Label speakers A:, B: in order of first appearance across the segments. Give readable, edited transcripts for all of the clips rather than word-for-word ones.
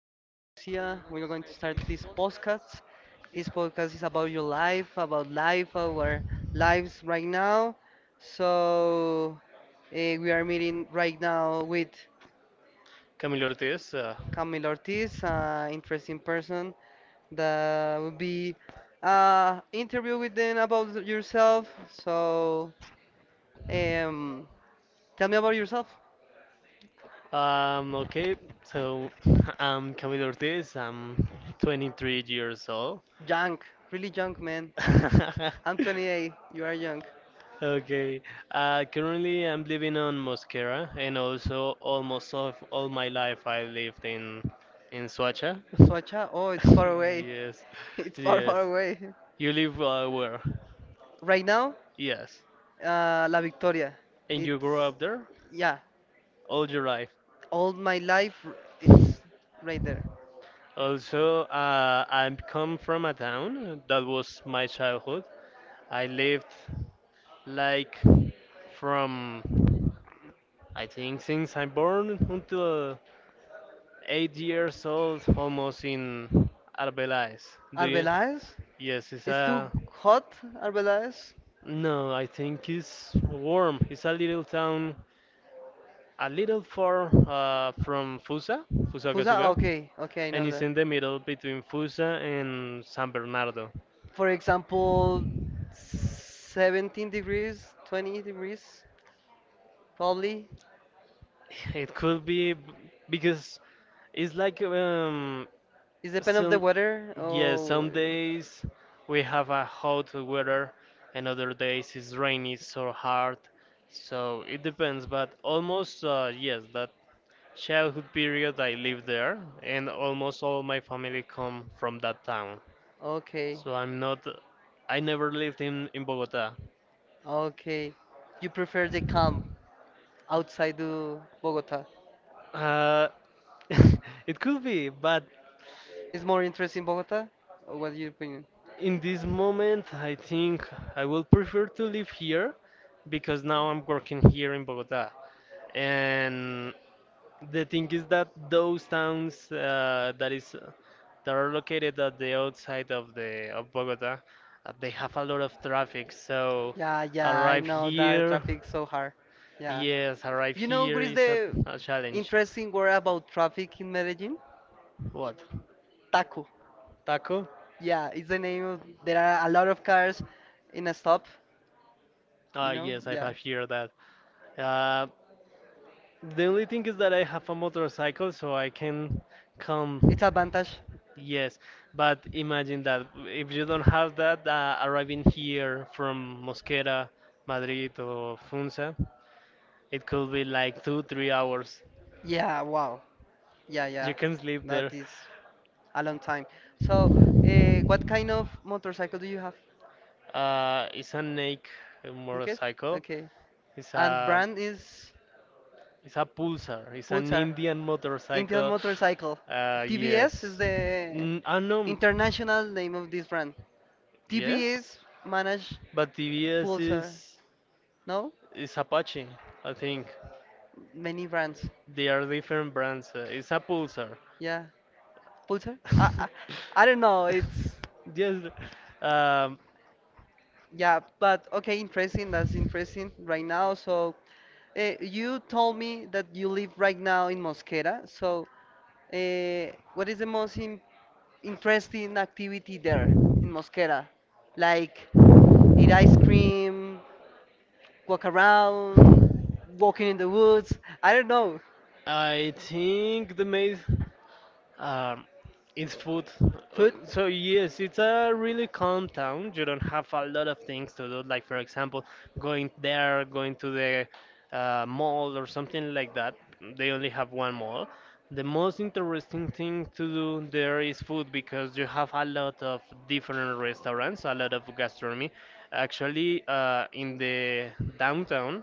A: Garcia. We are going to start this podcast. This podcast is about your life, about life, our lives right now. So we are meeting right now with
B: Camilo Ortiz.
A: Camilo Ortiz, an interesting person that will be interview with them about yourself. So um, tell me about yourself.
B: Um, okay, so I'm Camilo Ortiz. I'm 23 years old.
A: Young, really young man. I'm 28. You are young.
B: Okay, Currently I'm living on Mosquera, and also almost of all my life I lived in Suacha.
A: Soacha? Oh, it's far away.
B: Yes,
A: It's far,
B: yes.
A: far away.
B: You live where?
A: Right now,
B: Yes,
A: La Victoria.
B: and you grew
A: It's
B: up there
A: yeah,
B: all your life.
A: all my life it's right there.
B: Also, I come from a town that was my childhood. I lived like from I think since I'm born until 8 years old, almost in Arbeláez. Do you?
A: Arbeláez?
B: Yes, it's
A: It's too
B: a
A: hot, Arbeláez?
B: no. I think it's warm. It's a little town, a little far from Fusa,
A: Fusa?
B: Fusagasugá,
A: Okay, okay, I
B: and
A: know
B: it's
A: that.
B: in the middle between Fusa and San Bernardo.
A: For example, 17 degrees, 20 degrees, probably.
B: It could be because it's like.
A: It depends of the
B: Some,
A: weather.
B: yeah, or
A: Oh,
B: some days we have a hot weather, and other days it's rainy so hard. So it depends, but almost yes, that childhood period I lived there, and almost all my family come from that town.
A: okay,
B: So I never lived in Bogota.
A: okay. You prefer the calm outside the Bogota.
B: Uh, it could be, but
A: Is more interesting Bogota? Or what's your opinion?
B: in this moment, I think I will prefer to live here because now I'm working here in Bogota. And the thing is that those towns uh, that are located at the outside of the of Bogota, they have a lot of traffic. So
A: Yeah, yeah, I
B: arrive
A: know that
B: here,
A: traffic's so hard. Yeah.
B: yes, arrive
A: You know
B: here
A: what is
B: is
A: the
B: a challenge.
A: interesting word about traffic in Medellin?
B: What?
A: Taco.
B: Taco?
A: Yeah, it's the name of there are a lot of cars in a stop, you
B: Ah,
A: know?
B: yes, I
A: Yeah.
B: have heard that. Uh, the only thing is that I have a motorcycle, so I can come.
A: It's advantage.
B: Yes, but imagine that if you don't have that, arriving here from Mosquera, Madrid, or Funza, it could be like two, 3 hours.
A: Yeah, wow. Yeah, yeah.
B: You can sleep
A: That
B: there.
A: is a long time. So, what kind of motorcycle do you have,
B: It's a Nike
A: Nikes?
B: motorcycle.
A: Okay.
B: It's
A: And
B: a
A: brand is
B: Pulsar. It's an
A: Pulsar,
B: Indian
A: Indian
B: motorcycle.
A: motorcycle. TBS is
B: Yes.
A: the
B: I know.
A: international name of this brand.
B: Yes,
A: TBS manage
B: but TVS
A: Pulsar.
B: is
A: No,
B: Apache, I think.
A: many brands.
B: They are different brands. It's a Pulsar.
A: Yeah, Pulsar. I don't know.
B: I It's
A: It's
B: Yes. Um,
A: yeah, but okay, interesting. That's interesting right now. So you told me that you live right now in Mosquera. So what is the most in interesting activity there in Mosquera? Like eat ice cream, walk around, walking in the woods. I don't know.
B: I think the made. Um, it's food.
A: Food?
B: So yes, it's a really calm town. You don't have a lot of things to do, like for example, going to the mall or something like that. They only have one mall. The most interesting thing to do there is food because you have a lot of different restaurants, a lot of gastronomy. Actually, in the downtown,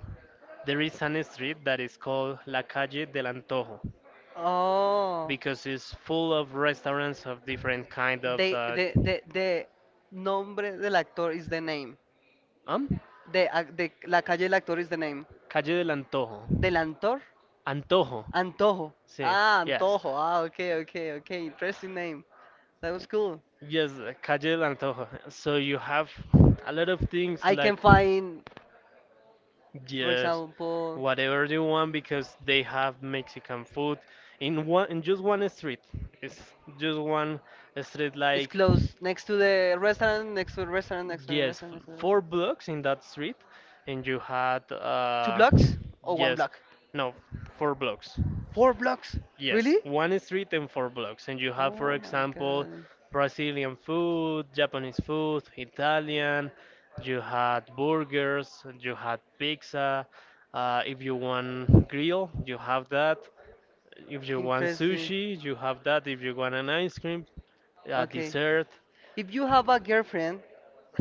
B: there is an street that is called La Calle del Antojo
A: Oh.
B: because it's full of restaurants of different kind of
A: The,
B: uh,
A: the, the, the nombre del actor is the name.
B: um
A: The la calle del actor is the name.
B: Calle del Antojo.
A: Del actor?
B: Antojo,
A: Antojo.
B: sí,
A: Ah,
B: yes.
A: Antojo. Ah, okay, okay, okay. Interesting name. That was cool.
B: Yes, Calle del Antojo. So you have a lot of things
A: I can
B: like
A: find, for
B: yes,
A: example,
B: whatever you want because they have Mexican food in one in just one street. It's just one street
A: it's
B: like
A: close next to the restaurant, next to the restaurant, next to the
B: yes,
A: restaurant, next to the
B: four
A: restaurant.
B: blocks in that street, and you had
A: Two blocks or one
B: yes,
A: block?
B: no, four blocks.
A: Four blocks?
B: Yes,
A: Really?
B: really? One street and four blocks, and you have, for
A: Oh my
B: example,
A: god.
B: Brazilian food, Japanese food, Italian. You had burgers, you had pizza. If you want grill, you have that. If you want
A: Interesting.
B: sushi, you have that. If you want an ice cream, a
A: Okay.
B: dessert.
A: If you have a girlfriend,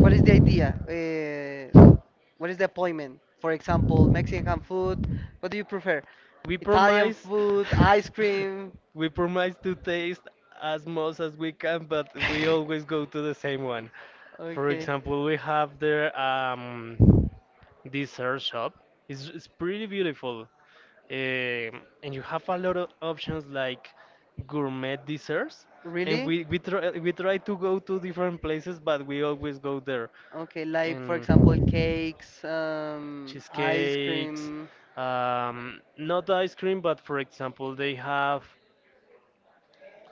A: what is the idea? What is the appointment? For example, Mexican food. What do you prefer?
B: We
A: Italian
B: promise,
A: food, ice cream.
B: we promise to taste as much as we can, but we always go to the same one. For
A: Okay.
B: example, we have their dessert shop. It's pretty beautiful, and you have a lot of options like gourmet desserts. And
A: Really?
B: we try to go to different places, but we always go there.
A: Okay, like for
B: And
A: example, cakes, ice
B: cheesecakes,
A: cream,
B: not ice cream, but for example, they have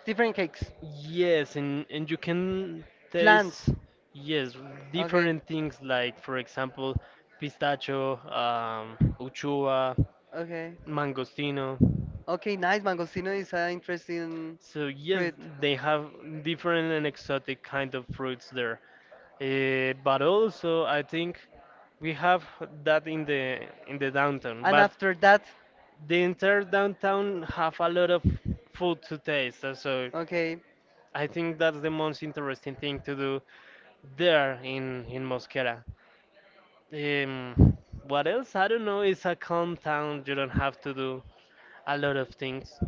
A: different cakes,
B: yes, and you can taste
A: flans.
B: yes
A: Okay.
B: different things like for example, pistachio, uchuva,
A: Okay.
B: mangostino.
A: Okay, nice. Mangostino is an interesting
B: So yes,
A: fruit.
B: they have different and exotic kind of fruits there. But also, I think we have that in the downtown,
A: And
B: but
A: after that,
B: the entire downtown have a lot of food to taste so
A: okay.
B: I think that's the most interesting thing to do there in Mosquera.
A: So
B: um, what else? I don't know, it's a calm town, you don't have to do a lot of things,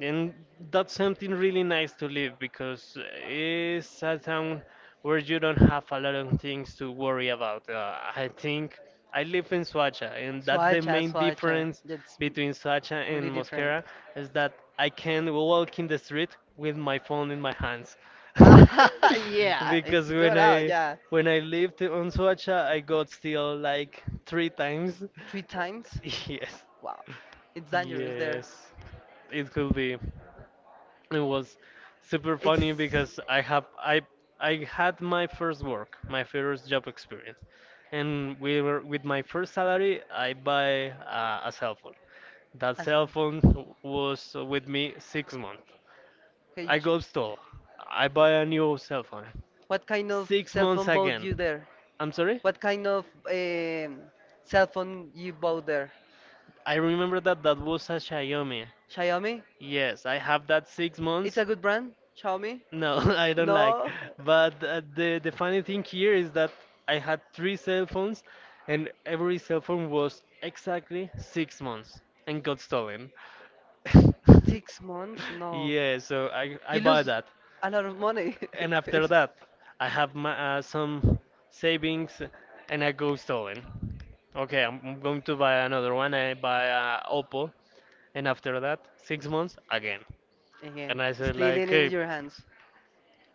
B: and that's something really nice to live because it's a town where you don't have a lot of things to worry about. Uh, I think, I live in Suacha and that's the main difference
A: that's
B: between Sacha and Mosquera is that I can walk in the street with my phone in my hands.
A: hands. Yeah,
B: Because
A: yeah,
B: when I lived on Soacha, I got still like three times.
A: three times.
B: Yes,
A: Wow, it's dangerous there.
B: yes, it could be. It was super funny because I have I had my first work, my first job experience, and with my first salary, I buy a cell phone. That cell phone was with me 6 months.
A: Hey,
B: I go store. I buy a new cell phone.
A: What kind of
B: Six
A: cell
B: months
A: phone bought
B: again.
A: you there?
B: I'm sorry?
A: What kind of cell phone you bought there?
B: I remember that that was a Xiaomi.
A: Xiaomi?
B: Yes, I have that six
A: It's
B: months.
A: a good brand, Xiaomi?
B: No, I don't like.
A: No.
B: But the funny thing here is that I had three cell phones, and every cell phone was exactly 6 months and got stolen.
A: 6 months? No.
B: Yeah, so I
A: You
B: buy
A: lose
B: that,
A: a lot of money.
B: and after that, I have my, some savings, and I go stolen. Okay, I'm going to buy another one. I buy Oppo, and after that, 6 months again,
A: Yes. Again,
B: and I said like,
A: stealing in
B: hey,
A: your hands.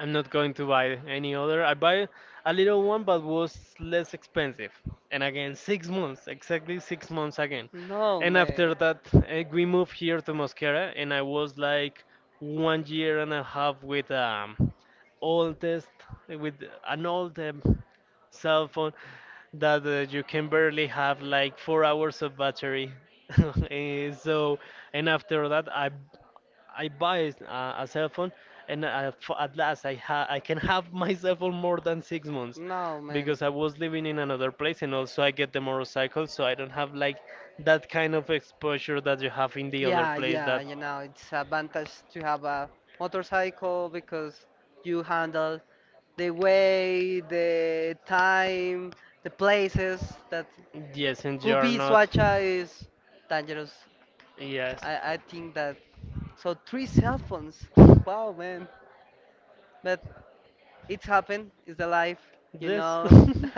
B: I'm not going to buy any other. I buy a little one, but was less expensive. And again, 6 months, exactly 6 months again.
A: No,
B: And after
A: man.
B: that, eh, we moved here to Mosquera, and I was like 1 year and a half with oldest, with an old cell phone that you can barely have like 4 hours of battery. Eh, so, and after that, I buy a cell phone, and at last I can have my cell phone more than 6 months,
A: No, man.
B: because I was living in another place, and also I get the motorcycle, so I don't have like that kind of exposure that you have in the other
A: Yeah,
B: place.
A: yeah,
B: That
A: you know, it's advantage to have a motorcycle because you handle the way, the time, the places that
B: yes, and you
A: could
B: are
A: be
B: not.
A: Suacha is dangerous.
B: Yes.
A: I think that. So three cell phones. Wow, man. But it's happened. It's the life, you
B: This
A: know.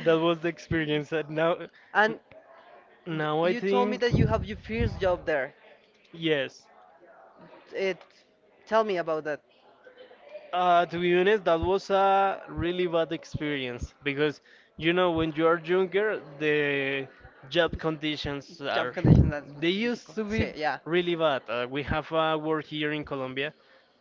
B: that was the experience. And now,
A: And
B: now I
A: you told me
B: think.
A: that you have your first job there.
B: Yes.
A: It. Tell me about that.
B: To be honest, that was a really bad experience because you know when you are younger, the job conditions
A: Job
B: are
A: conditions that's
B: they used
A: difficult.
B: to be
A: Sí, yeah.
B: really bad. We have a word here in Colombia,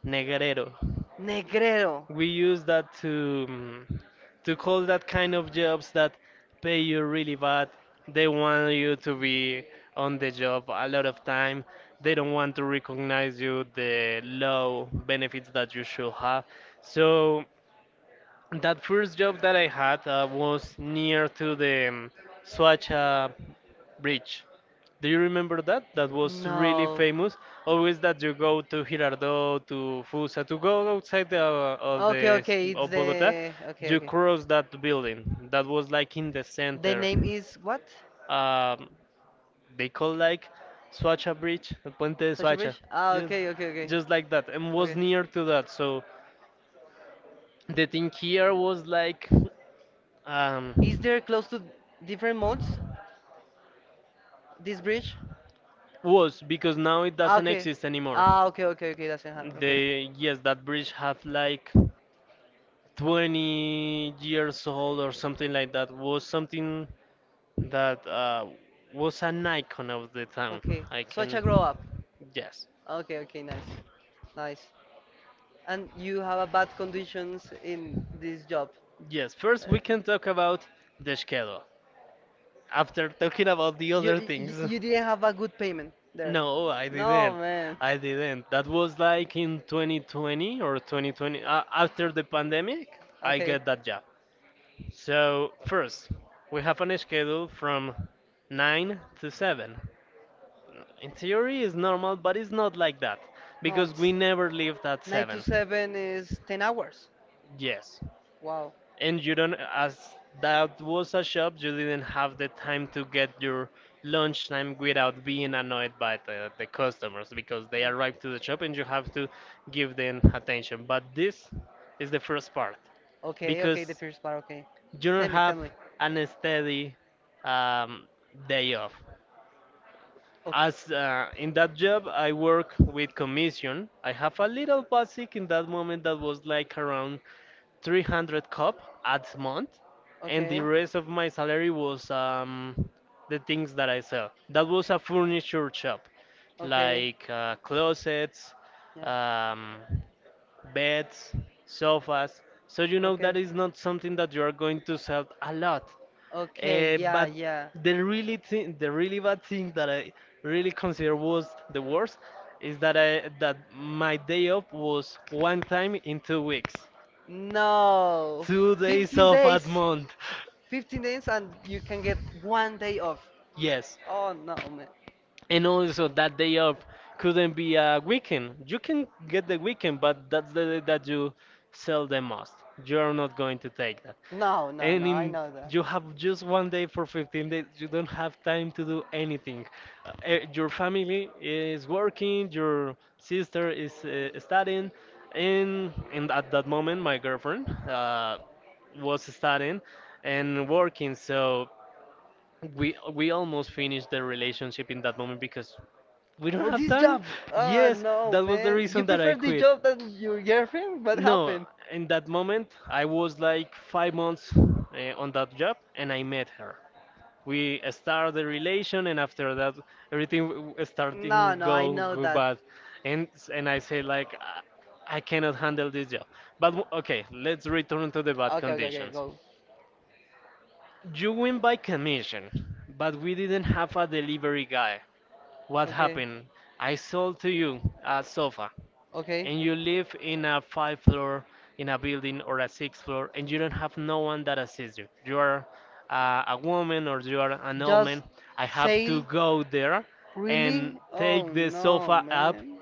B: negarero.
A: Negrero.
B: We use that to to call that kind of jobs that pay you really bad. They want you to be on the job a lot of time. They don't want to recognize you the low benefits that you should have. So that first job that I had was near to the Suacha Bridge. Do you remember that? That was really
A: No.
B: famous. Always that you go to Girardot, to Fusa, to go outside the, of
A: Okay, okay, it's
B: Bogota,
A: the okay,
B: you
A: okay.
B: cross that building. That was like in the
A: The
B: center.
A: name is what?
B: Um, they call like Suacha Bridge, the Puente de
A: Such a
B: Suacha.
A: bridge? Ah,
B: Just,
A: okay, okay, okay.
B: just like that, and was
A: Okay.
B: near to that. So the thing here was like um,
A: Is there close to different modes? This bridge?
B: was because now it
A: Ah,
B: doesn't
A: okay.
B: exist anymore.
A: Ah, okay, okay, okay. Doesn't happen. Okay,
B: They yes, that bridge had like 20 years old or something like that. Was something that was an icon of the town.
A: okay.
B: I
A: Such
B: can
A: a grow up.
B: yes,
A: Okay, okay, nice, nice. And you have a bad conditions in this job.
B: yes. First, we
A: Uh,
B: can talk about the schedule. After talking about the
A: you,
B: other
A: you
B: things.
A: you didn't have a good payment there.
B: No, I
A: No,
B: didn't.
A: man.
B: I didn't. That was like in 2020 or 2020 after the pandemic, I
A: Okay.
B: get that job. So, first, we have an schedule from 9 to 7. In theory it's normal, but it's not like that
A: No,
B: because we
A: it's
B: never leave at
A: nine to
B: 7.
A: seven is 10 hours.
B: Yes.
A: Wow.
B: And you don't, as that was a shop, you didn't have the time to get your lunchtime without being annoyed by the customers because they arrive to the shop and you have to give them attention. But this is the first part
A: Okay, okay, the
B: because
A: first part. Okay.
B: you don't
A: Tell me, tell
B: have
A: me.
B: an steady um, day off.
A: Okay.
B: As in that job, I work with commission. I have a little basic in that moment that was like around 300 cup at month and the rest of my salary was
A: Okay.
B: the things that I sell, that was a furniture shop
A: Okay.
B: like closets,
A: Yeah.
B: um, beds, sofas, so you know
A: Okay.
B: that is not something that you are going to sell a lot.
A: Okay,
B: Uh,
A: yeah,
B: but
A: yeah.
B: the really bad thing that I really consider was the worst is that I that my day off was one time in 2 weeks.
A: No.
B: 2 days
A: 15
B: off at
A: days.
B: month.
A: 15 days and you can get one day off.
B: Yes.
A: Oh no, man.
B: And also that day off couldn't be a weekend. You can get the weekend, but that's the day that you sell the most. You're not going to take that.
A: No, no,
B: And
A: no, I
B: in
A: know that.
B: you have just one day for 15 days. You don't have time to do anything. Eh, your family is working, your sister is studying, and at that moment, my girlfriend was studying and working. So we almost finished the relationship in that moment because we don't
A: For
B: have
A: this
B: time.
A: job. Oh
B: Yes,
A: no,
B: that was the
A: man. You
B: reason that I
A: prefer the
B: quit.
A: job than your girlfriend? What
B: No,
A: happened?
B: in that moment I was like 5 months on that job and I met her. We started the relation, and after that everything
A: No,
B: starting
A: no, I
B: go
A: know
B: go
A: that.
B: bad, and and I say like I cannot handle this job. But okay, let's return to the bad
A: Okay, okay, okay,
B: conditions.
A: go.
B: You win by commission, but we didn't have a delivery guy. What
A: Okay,
B: happened? I sold to you a sofa
A: okay.
B: and you live in a five floor in a building, or a six floor, and you don't have no one that assists you. You are a woman or you are an old man.
A: Just
B: I have to
A: sail?
B: go there
A: Really?
B: and take
A: Oh
B: the
A: no,
B: sofa up
A: man.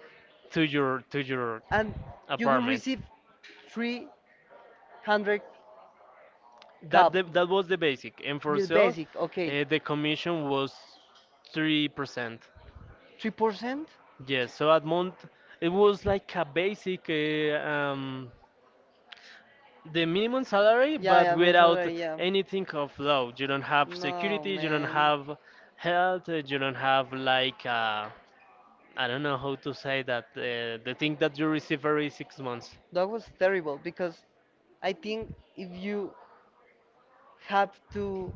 B: to your
A: And you will
B: apartment.
A: receive 300 cup,
B: That was the basic. And for sale,
A: basic, okay.
B: the commission was 3%.
A: 3%?
B: Yes, so at month it was like a basic the minimum salary, but
A: Yeah, yeah,
B: without
A: yeah.
B: anything of law. You don't have
A: No,
B: security, you don't
A: man.
B: have health, you don't have like I don't know how to say that, the thing that you receive every 6 months.
A: That was terrible because I think if you have to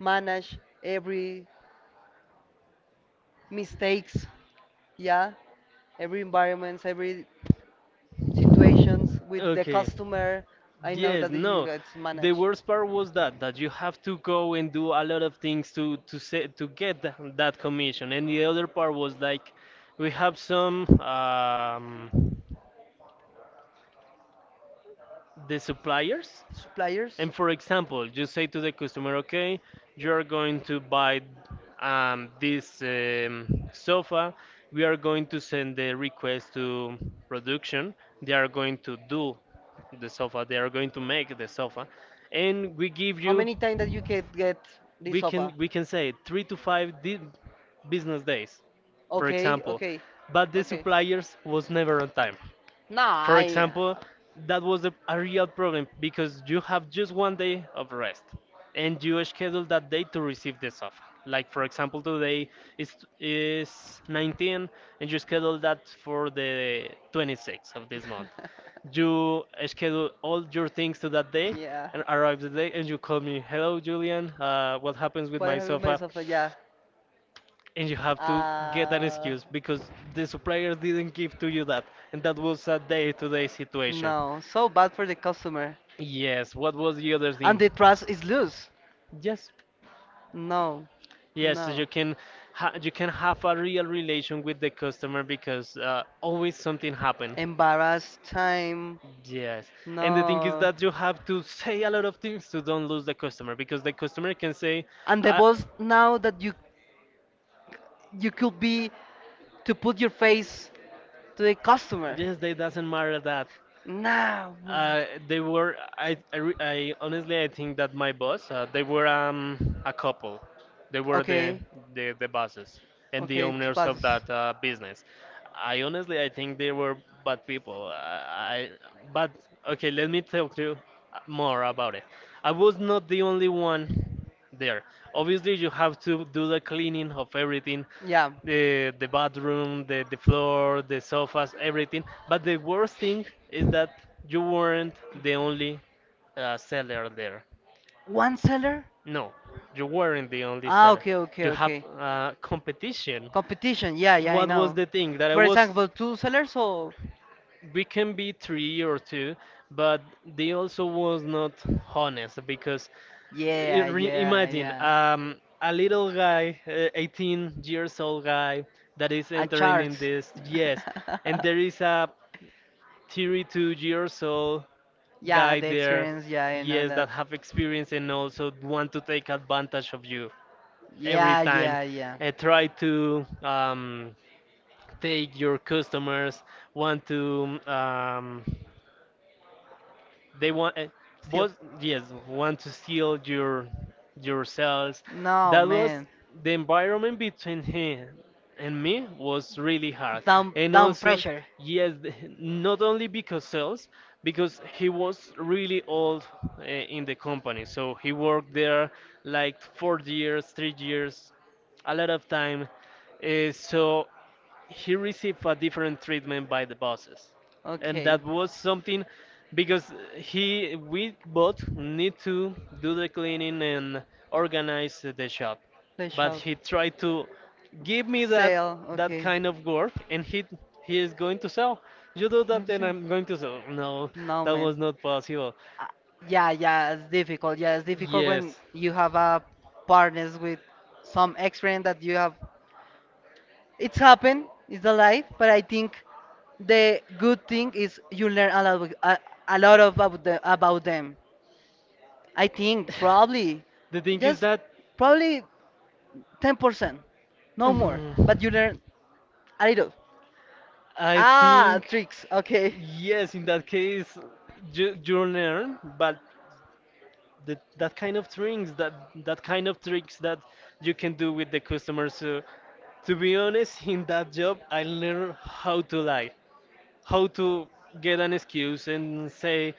A: manage every mistakes, yeah, every environments, every situations with the
B: Okay.
A: customer, I know
B: Yes,
A: that you
B: no.
A: guys
B: The
A: manage.
B: worst part was that you have to go and do a lot of things to get that commission. And the other part was like we have some the suppliers.
A: Suppliers?
B: And for example, you say to the customer, okay, you're going to buy this sofa. We are going to send the request to production. They are going to do the sofa. They are going to make the sofa. And we give
A: How
B: you
A: many times that you can get this
B: we can
A: sofa?
B: we can say three to five business days, for
A: Okay,
B: example,
A: okay,
B: but the
A: okay.
B: suppliers was never on time.
A: No,
B: For
A: I.
B: example, that was a real problem because you have just one day of rest and you schedule that day to receive this offer. Like for example, today is 19, and you schedule that for the 26th of this month. You schedule all your things to that day,
A: Yeah.
B: and arrive the day, and you call me, hello Julian, what happens with
A: What
B: my
A: happened with
B: sofa,
A: myself? Yeah.
B: and you have to get an
A: Uh,
B: excuse because the supplier didn't give to you that, and that was a day-to-day situation.
A: no, so bad for the customer.
B: Yes, what was the other
A: And
B: thing?
A: the trust is loose.
B: Yes,
A: No,
B: yes, so
A: no.
B: you can ha you can have a real relation with the customer because always something happened.
A: Embarrassed time.
B: Yes, and the thing is
A: No.
B: that you have to say a lot of things to don't lose the customer, because the customer can say,
A: And the
B: uh,
A: boss now that you could be to put your face to the customer.
B: yes, it doesn't matter that.
A: Now, man.
B: They were. I, re- I honestly I think that my boss. They were a couple. They were the
A: Okay,
B: the bosses and the
A: okay, two
B: owners of
A: passes.
B: that business. I honestly I think they were bad people. I but Okay. Let me tell you more about it. I was not the only one there. Obviously, you have to do the cleaning of everything, the bathroom, the floor, the sofas, everything. But the worst thing is that you weren't the
A: Yeah.
B: only seller there.
A: One seller?
B: No, you weren't the only
A: Ah,
B: seller. Okay,
A: okay,
B: okay,
A: okay,
B: you have,
A: okay.
B: okay, competition. Yeah,
A: Competition, yeah,
B: yeah,
A: yeah, I
B: what yeah was
A: know.
B: the thing that I
A: For
B: was?
A: example, two sellers or
B: We can be three or two, but they also was not honest because
A: yeah, yeah,
B: imagine
A: yeah.
B: a little guy, 18 years old guy that is No
A: A
B: entering
A: chart.
B: in this, yes, and there is a 32 years old
A: Yeah,
B: guy
A: the
B: there,
A: experience, yeah, I
B: yes,
A: know.
B: that have experience and also want to take advantage of you every
A: Yeah,
B: time.
A: yeah, yeah.
B: Try to take your customers, want to they want eh,
A: Still.
B: was yes want to steal your cells.
A: No,
B: That was
A: man.
B: the environment between him and me was really hard,
A: Down,
B: and
A: down
B: also
A: pressure.
B: yes not only because sales, because he was really old in the company, so he worked there like 4 years, 3 years, a lot of time, so he received a different treatment by the bosses, and
A: Okay.
B: that was something because he we both need to do the cleaning and organize the shop,
A: They
B: but
A: shall
B: he tried to give me that
A: sell.
B: that
A: Okay.
B: kind of work, and he is going to sell, you do that
A: What
B: and I'm going to
A: is.
B: sell. No,
A: No,
B: that
A: man.
B: was not possible.
A: Uh, yeah, yeah, it's difficult. Yeah, it's difficult when
B: Yes,
A: you have a partners with some experience that you have. It's happened. It's the life, but I think the good thing is you learn a lot, a lot of about, about them. I think probably
B: the thing is
A: just
B: that
A: probably 10%, no more, but you learn a little.
B: I
A: Ah,
B: think,
A: tricks. Okay.
B: yes, in that case, you learn, but the, that kind of tricks, that that kind of tricks that you can do with the customer. So, to be honest, in that job, I learned how to lie, how to get an excuse and say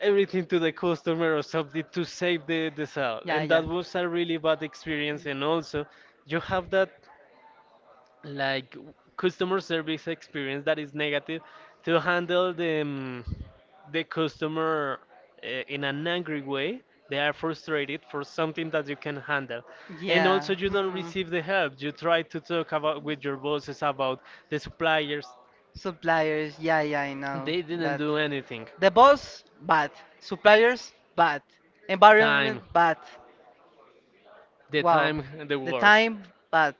B: everything to the customer, or something to save the sale.
A: Yeah,
B: And
A: yeah,
B: that was a really bad experience. And also, you have that like customer service experience that is negative to handle the the customer in an angry way. They are frustrated for something that you can handle, and
A: yeah.
B: also you don't
A: Hmm.
B: receive the help. You try to talk about with your bosses about the suppliers.
A: Suppliers, yeah, yeah, I know
B: They didn't
A: that.
B: do anything.
A: The boss, bad. Suppliers, bad. Environment,
B: Time,
A: bad. Wow.
B: the
A: The
B: worst,
A: time, bad.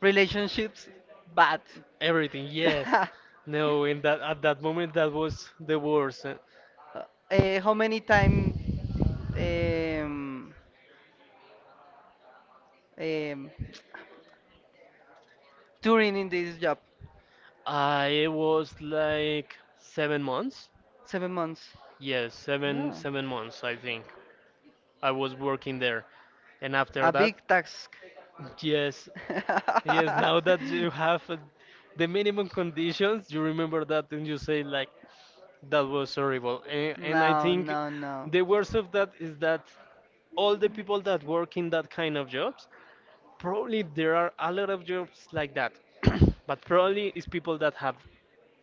A: Relationships, bad.
B: everything yes.
A: uh,
B: no, in that at that moment that was the worst.
A: how many time um, um, touring in this job?
B: I, it was like 7 months.
A: 7 months.
B: Yes,
A: Yeah.
B: seven months I think. I was working there, and after
A: A
B: that,
A: big task.
B: yes, yes. Now that you have the minimum conditions, you remember that and you say like that was horrible. And I
A: No,
B: think
A: no, no.
B: the worst of that is that all the people that work in that kind of jobs, probably there are a lot of jobs like that, but probably it's people that have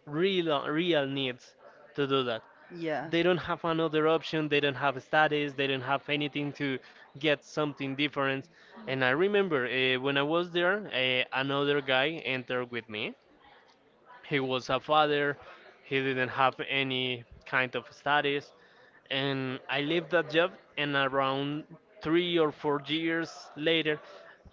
B: real needs to do that.
A: Yeah.
B: They don't have another option, they don't have studies, they don't have anything to get something different. And I remember when I was there, another guy entered with me. He was a father, he didn't have any kind of studies, and I left that job, and around 3 or 4 years later,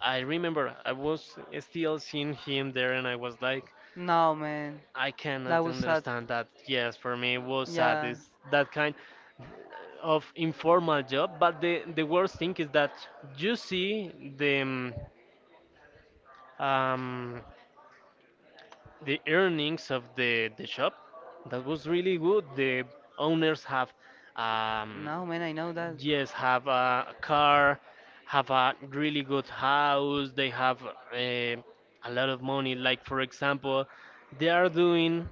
B: I remember I was still seeing him there, and I was like,
A: No, man.
B: I
A: That
B: cannot
A: was sad.
B: understand that. Yes, for me it was sad.
A: Yeah.
B: It's that kind of informal job, but the worst thing is that you see um, the earnings of the shop. That was really good. The owners have, um,
A: No, man, I know that.
B: yes, have a car, have a really good house, they have, a lot of money. Like for example, they are doing,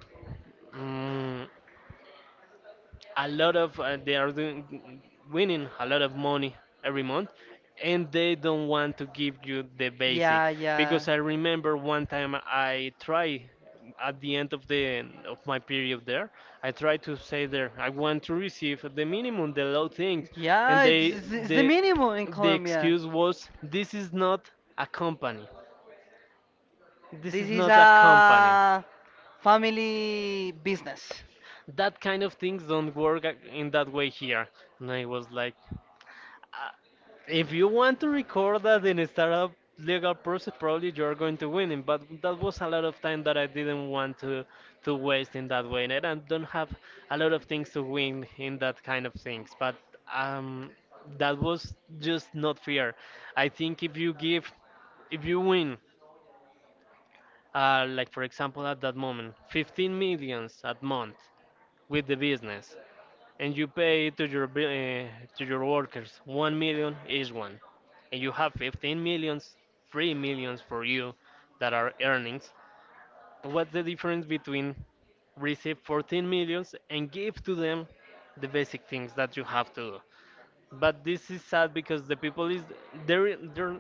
B: mm, a lot of uh, they are doing, winning a lot of money every month, and they don't want to give you the basic.
A: Yeah, yeah.
B: Because I remember one time I tried, at the end of the of my period there, I tried to say, there, I want to receive the minimum, the low things, and
A: Yeah, it's,
B: they,
A: it's it's
B: the
A: the minimum in
B: the
A: Colombia.
B: excuse was, this is not a company, this
A: This
B: is
A: is
B: not a company,
A: a family business.
B: that kind of things don't work in that way here. And I was like, if you want to record that in a startup legal process, probably you're going to win it. But that was a lot of time that I didn't want to waste in that way, and I don't have a lot of things to win in that kind of things. But um, that was just not fair. I think if you give, if you win, like for example at that moment, 15 millions at month with the business, and you pay to your workers 1 million each one, and you have 15 millions, 3 millions for you that are earnings, what's the difference between receive 14 millions and give to them the basic things that you have to do? But this is sad because the people is, there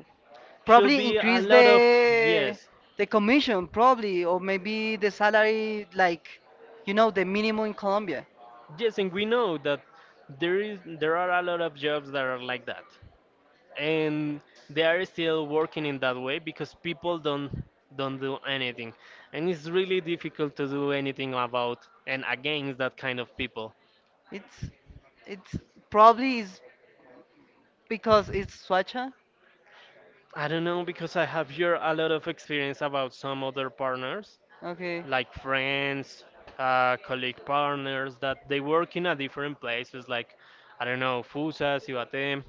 B: should
A: Probably
B: be a
A: increase
B: lot of,
A: the
B: yes,
A: the commission, probably, or maybe the salary, like, you know, the minimum in Colombia.
B: yes, and we know that there are a lot of jobs that are like that, and they are still working in that way because people don't do anything, and it's really difficult to do anything about and against that kind of people.
A: It's it's probably is because it's Swacha.
B: I don't know, because I have here a lot of experience about some other partners,
A: Okay,
B: like friends, colleague partners that they work in a different places, like, I don't know, Fusa, Ciudad,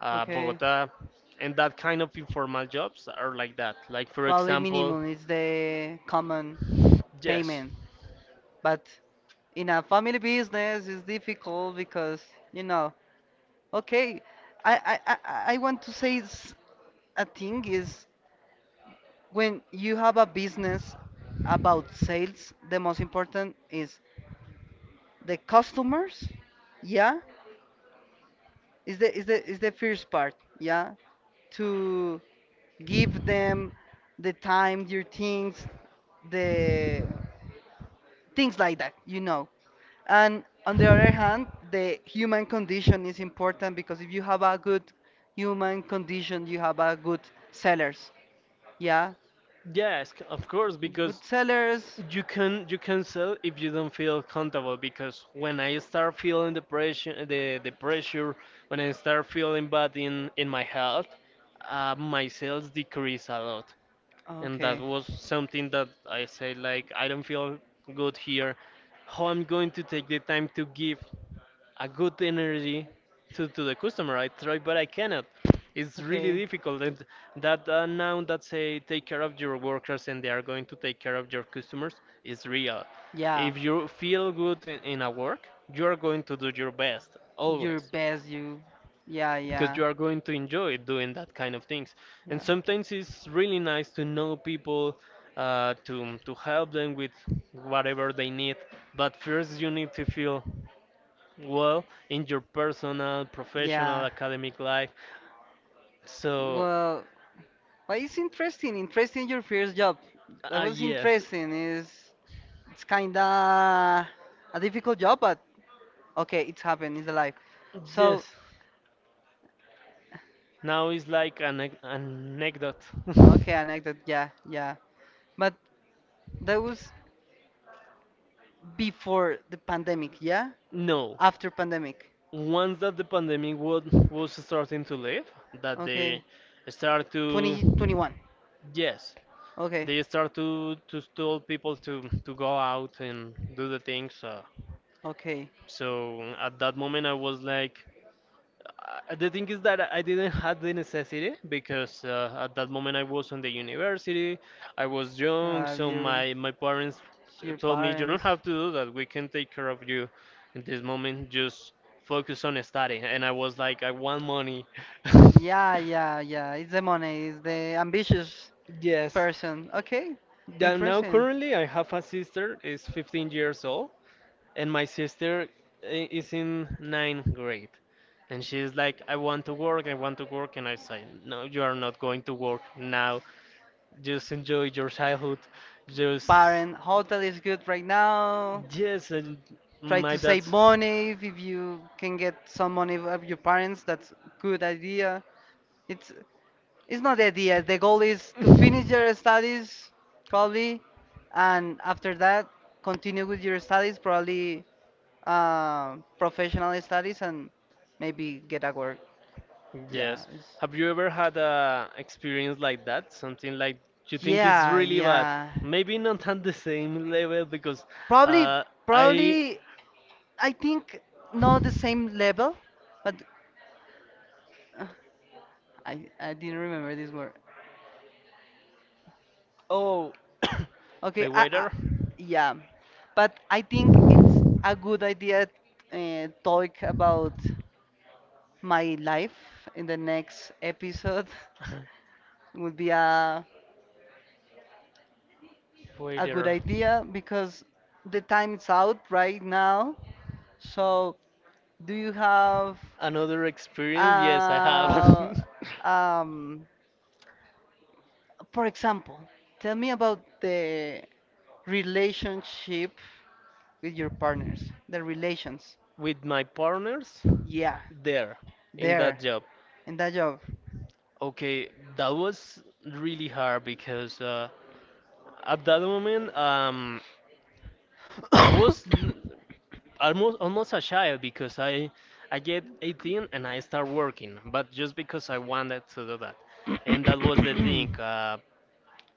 A: okay.
B: Bogota, and that kind of informal jobs are like that. Like for
A: Probably
B: example,
A: minimum is the common
B: yes.
A: payment, but in a family business it's difficult because, you know, okay, I I want to say a thing is when you have a business about sales, the most important is the customers. Yeah, is the first part. Yeah, to give them the time, your things, the things like that, you know. And on the other hand, the human condition is important because if you have a good human condition, you have a good sellers. Yeah.
B: Yes, of course, because
A: Good sellers.
B: you can sell if you don't feel comfortable. Because when I start feeling the pressure, the pressure, when I start feeling bad in my health, my sales decrease a lot, and that
A: Okay.
B: was something that I say like, I don't feel good here. How I'm going to take the time to give a good energy to the customer. I try, but I cannot. It's really
A: Okay.
B: difficult. And that now that say, take care of your workers and they are going to take care of your customers, is real.
A: Yeah.
B: If you feel good in a work, you are going to do your best
A: Your
B: always
A: best you. Yeah,
B: because
A: yeah.
B: you are going to enjoy doing that kind of things. And sometimes it's really nice to
A: Yeah.
B: know people, to help them with whatever they need. But first, you need to feel well in your personal, professional,
A: Yeah.
B: academic life. So,
A: Well, but it's interesting. Interesting your first job. That
B: ah,
A: was yes,
B: yes,
A: interesting. It's kinda a difficult job, but okay, it's happened. It's alive.
B: yes.
A: So
B: Now it's like an anecdote.
A: okay, anecdote. Yeah, yeah. But that was before the pandemic. Yeah,
B: No,
A: after pandemic.
B: once that the pandemic was starting to live, that
A: Okay,
B: they start to,
A: 2021.
B: yes,
A: Okay,
B: they start to tell people to go out and do the things.
A: okay.
B: So at that moment, I was like, the thing is that I didn't have the necessity because at that moment I was on the university, I was young,
A: Uh,
B: so
A: your
B: my parents
A: your
B: told me you don't
A: parents.
B: have to do that. We can take care of you in this moment. Just focus on studying. And I was like, I want money.
A: Yeah, yeah, yeah. It's the money. It's the ambitious
B: Yes.
A: person. Okay,
B: Yeah, now
A: interesting.
B: currently I have a sister is 15 years old and my sister is in ninth grade, and she's like, I want to work, I want to work. And I say, no, you are not going to work now. Just enjoy your childhood, just
A: Parent, hotel is good right now.
B: yes, and
A: Try
B: my
A: to
B: dad.
A: save money if you can get some money of your parents. That's good idea. It's It's not the idea. The goal is to finish your studies, probably, and after that, continue with your studies, probably professional studies, and maybe get a work. Yeah.
B: Yes, have you ever had a experience like that, something like you think is
A: Yeah,
B: really bad,
A: yeah.
B: maybe not at the same level because
A: Probably,
B: uh, I
A: probably, I think not the same level, but uh, I didn't remember this word.
B: Oh.
A: Okay,
B: The
A: I
B: weather.
A: yeah, but I think a good idea talk about my life in the next episode would be a good
B: Weather.
A: idea because the time is out right now. So, do you have,
B: Another experience, yes, I have.
A: uh, um, for example, tell me about the relationship with your partners, the relations.
B: With my partners
A: Yeah,
B: there in that
A: there,
B: job.
A: in that job.
B: Okay, that was really hard because at that moment, I was almost a child because I get 18 and I start working, but just because I wanted to do that, and that was the thing.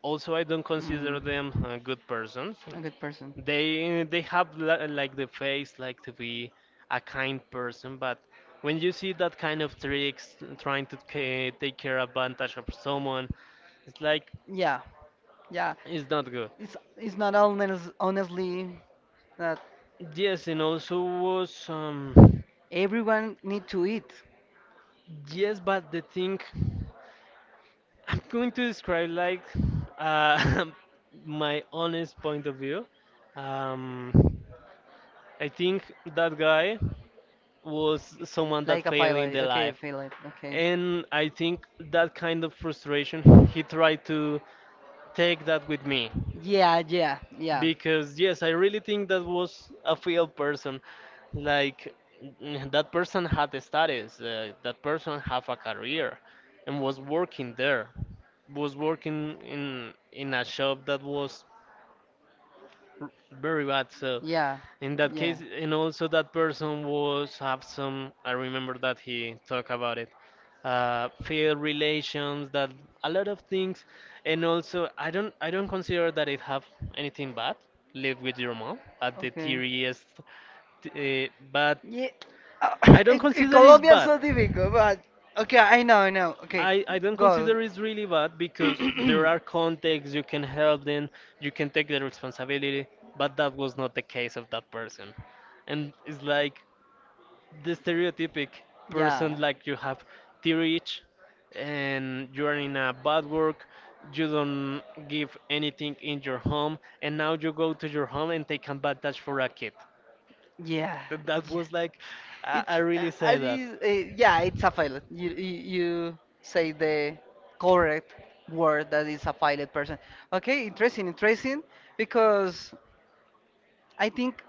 B: Also, I don't consider them good persons.
A: a good person.
B: They have like the face like to be a kind person, but when you see that kind of tricks trying to take care advantage of someone, it's like,
A: Yeah, yeah.
B: it's not good.
A: It's not honest, honestly that
B: Yes, and also was
A: everyone need to eat
B: yes, but the thing, I'm going to describe like, uh my honest point of view. um I think that guy was someone that
A: pilot.
B: failed in
A: Pilot.
B: the life,
A: Okay.
B: and I think that kind of frustration he tried to take that with me
A: Yeah, yeah, yeah,
B: because, yes, I really think that was a failed person, like, that person had the status, that person have a career and was working there, was working in a shop that was r- very bad.
A: yeah,
B: So
A: so yeah,
B: in that case, and also that person was have some, I remember that he talked about it, fair relations, that a lot of things, and also I don't consider that it have anything bad. Live with your mom at the
A: okay.
B: theoriest, but
A: Yeah. I
B: I
A: don't in,
B: don't
A: in consider it
B: consider it's
A: Colombia, it's
B: bad.
A: so difficult, but okay, I know, I know. Okay,
B: I don't
A: go.
B: consider it's really bad because there are contexts you can help them, you can take the responsibility, but that was not the case of that person. And it's like the stereotypic
A: Yeah.
B: person, like you have theory itch and you're in a bad work, you don't give anything in your home, and now you go to your home and take advantage for a kid.
A: Yeah.
B: That
A: That's, yeah,
B: was
A: like
B: like,
A: a, it's
B: I
A: very
B: really
A: I
B: say that.
A: mean, yeah, it's a pilot. You say the correct word that is a pilot person. Okay, interesting, interesting, because I think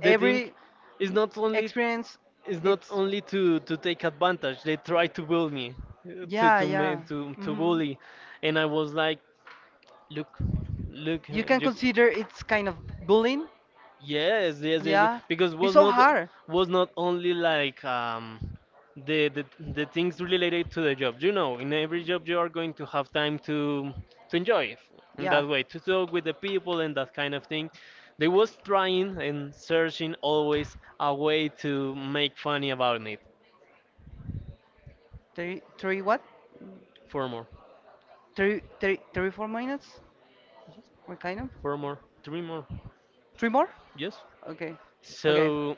B: The thing
A: every
B: is not only,
A: experience,
B: is not
A: it's
B: only to take advantage, they try to bully me, to
A: yeah,
B: to
A: yeah.
B: to
A: Hmm.
B: bully. And I was like, look, look,
A: You can consider it's kind of
B: you.
A: bullying.
B: Yes, yes, yes, yes.
A: Yeah,
B: Because
A: it's
B: was
A: so
B: not,
A: hard.
B: was not only like, the, the things related to the job. You know, in every job you are going to have time to enjoy it in
A: Yeah.
B: that way, to talk with the people and that kind of thing. They was trying and searching always a way to make funny about it.
A: Three, three what?
B: Four more,
A: Three, three, three, 4 minutes? What kind of?
B: four more, three more.
A: Three more?
B: Yes.
A: Okay. Okay.
B: So,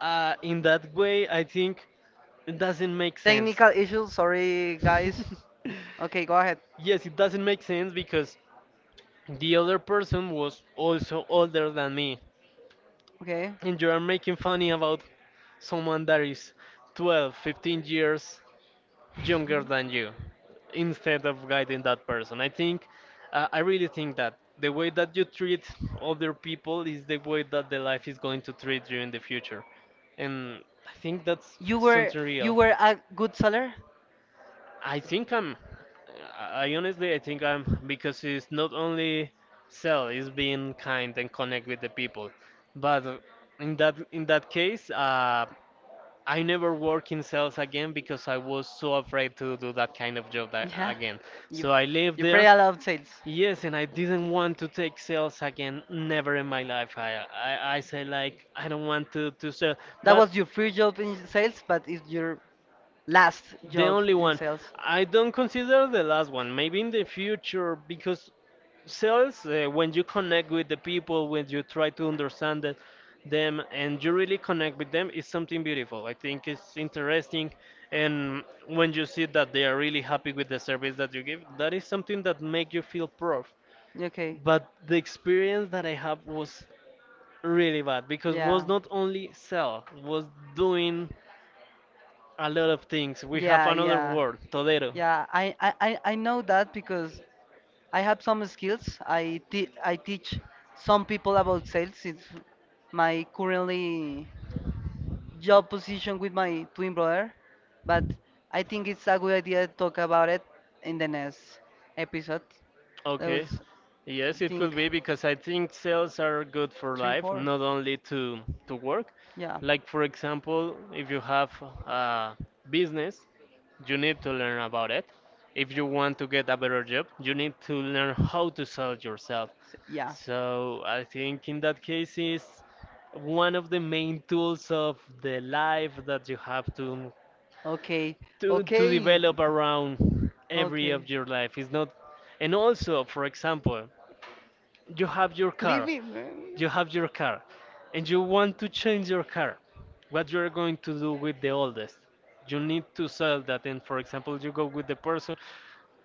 B: in that way, I think it doesn't make sense.
A: Technical issues, sorry guys. Okay, go ahead.
B: Yes, it doesn't make sense because the other person was also older than me.
A: Okay.
B: And you are making funny about someone that is 12, 15 years younger than you instead of guiding that person. I think, I really think that the way that you treat other people is the way that the life is going to treat you in the future. And I think that's
A: You were
B: something real.
A: you were a good seller?
B: I think I'm. I honestly, I think I'm, because it's not only sell, it's being kind and connect with the people. But in that case, I never work in sales again because I was so afraid to do that kind of job that,
A: Yeah.
B: again.
A: You
B: So I lived
A: you pray
B: there.
A: a lot of sales.
B: Yes, and I didn't want to take sales again. Never in my life. I say like I don't want to sell,
A: That
B: but.
A: was your first job in sales, but it's your last
B: The
A: job
B: only
A: in
B: one.
A: sales.
B: I don't consider the last one. Maybe in the future, because sales, when you connect with the people, when you try to understand them, and you really connect with them, is something beautiful. I think it's interesting, and when you see that they are really happy with the service that you give, that is something that make you feel proud.
A: Okay.
B: But the experience that I had was really bad because was
A: Yeah.
B: not only sell, was doing a lot of things. We have
A: Yeah,
B: another
A: yeah.
B: word, todero. Yeah.
A: Yeah, I I know that because I have some skills. I teach some people about sales. It's my currently job position with my twin brother, but I think it's a good idea to talk about it in the next episode. That
B: Okay.
A: was,
B: Yes,
A: I
B: it could
A: think,
B: be because I think sales are good for
A: three,
B: life,
A: four.
B: not only to work.
A: Yeah.
B: Like for example, if you have a business, you need to learn about it. If you want to get a better job, you need to learn how to sell yourself.
A: Yeah.
B: So I think in that case is one of the main tools of the life that you have to
A: Okay,
B: to
A: okay,
B: develop around every of
A: okay.
B: your life. It's not. And also, for example, you have your car,
A: Living, man.
B: you have your car, and you want to change your car. What you're going to do with the oldest? You need to sell that. And for example, you go with the person,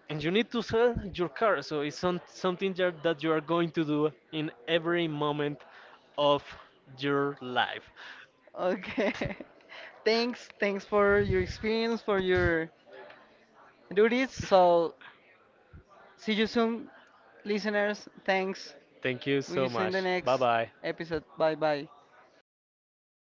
B: and you need to sell your car. So it's some, something that that you are going to do in every moment of your life.
A: Okay. Thanks, thanks for your experience, for your duties. So, see you soon, listeners. Thanks.
B: Thank you so
A: We'll see you in the
B: much. Bye
A: next
B: bye.
A: episode. Bye bye.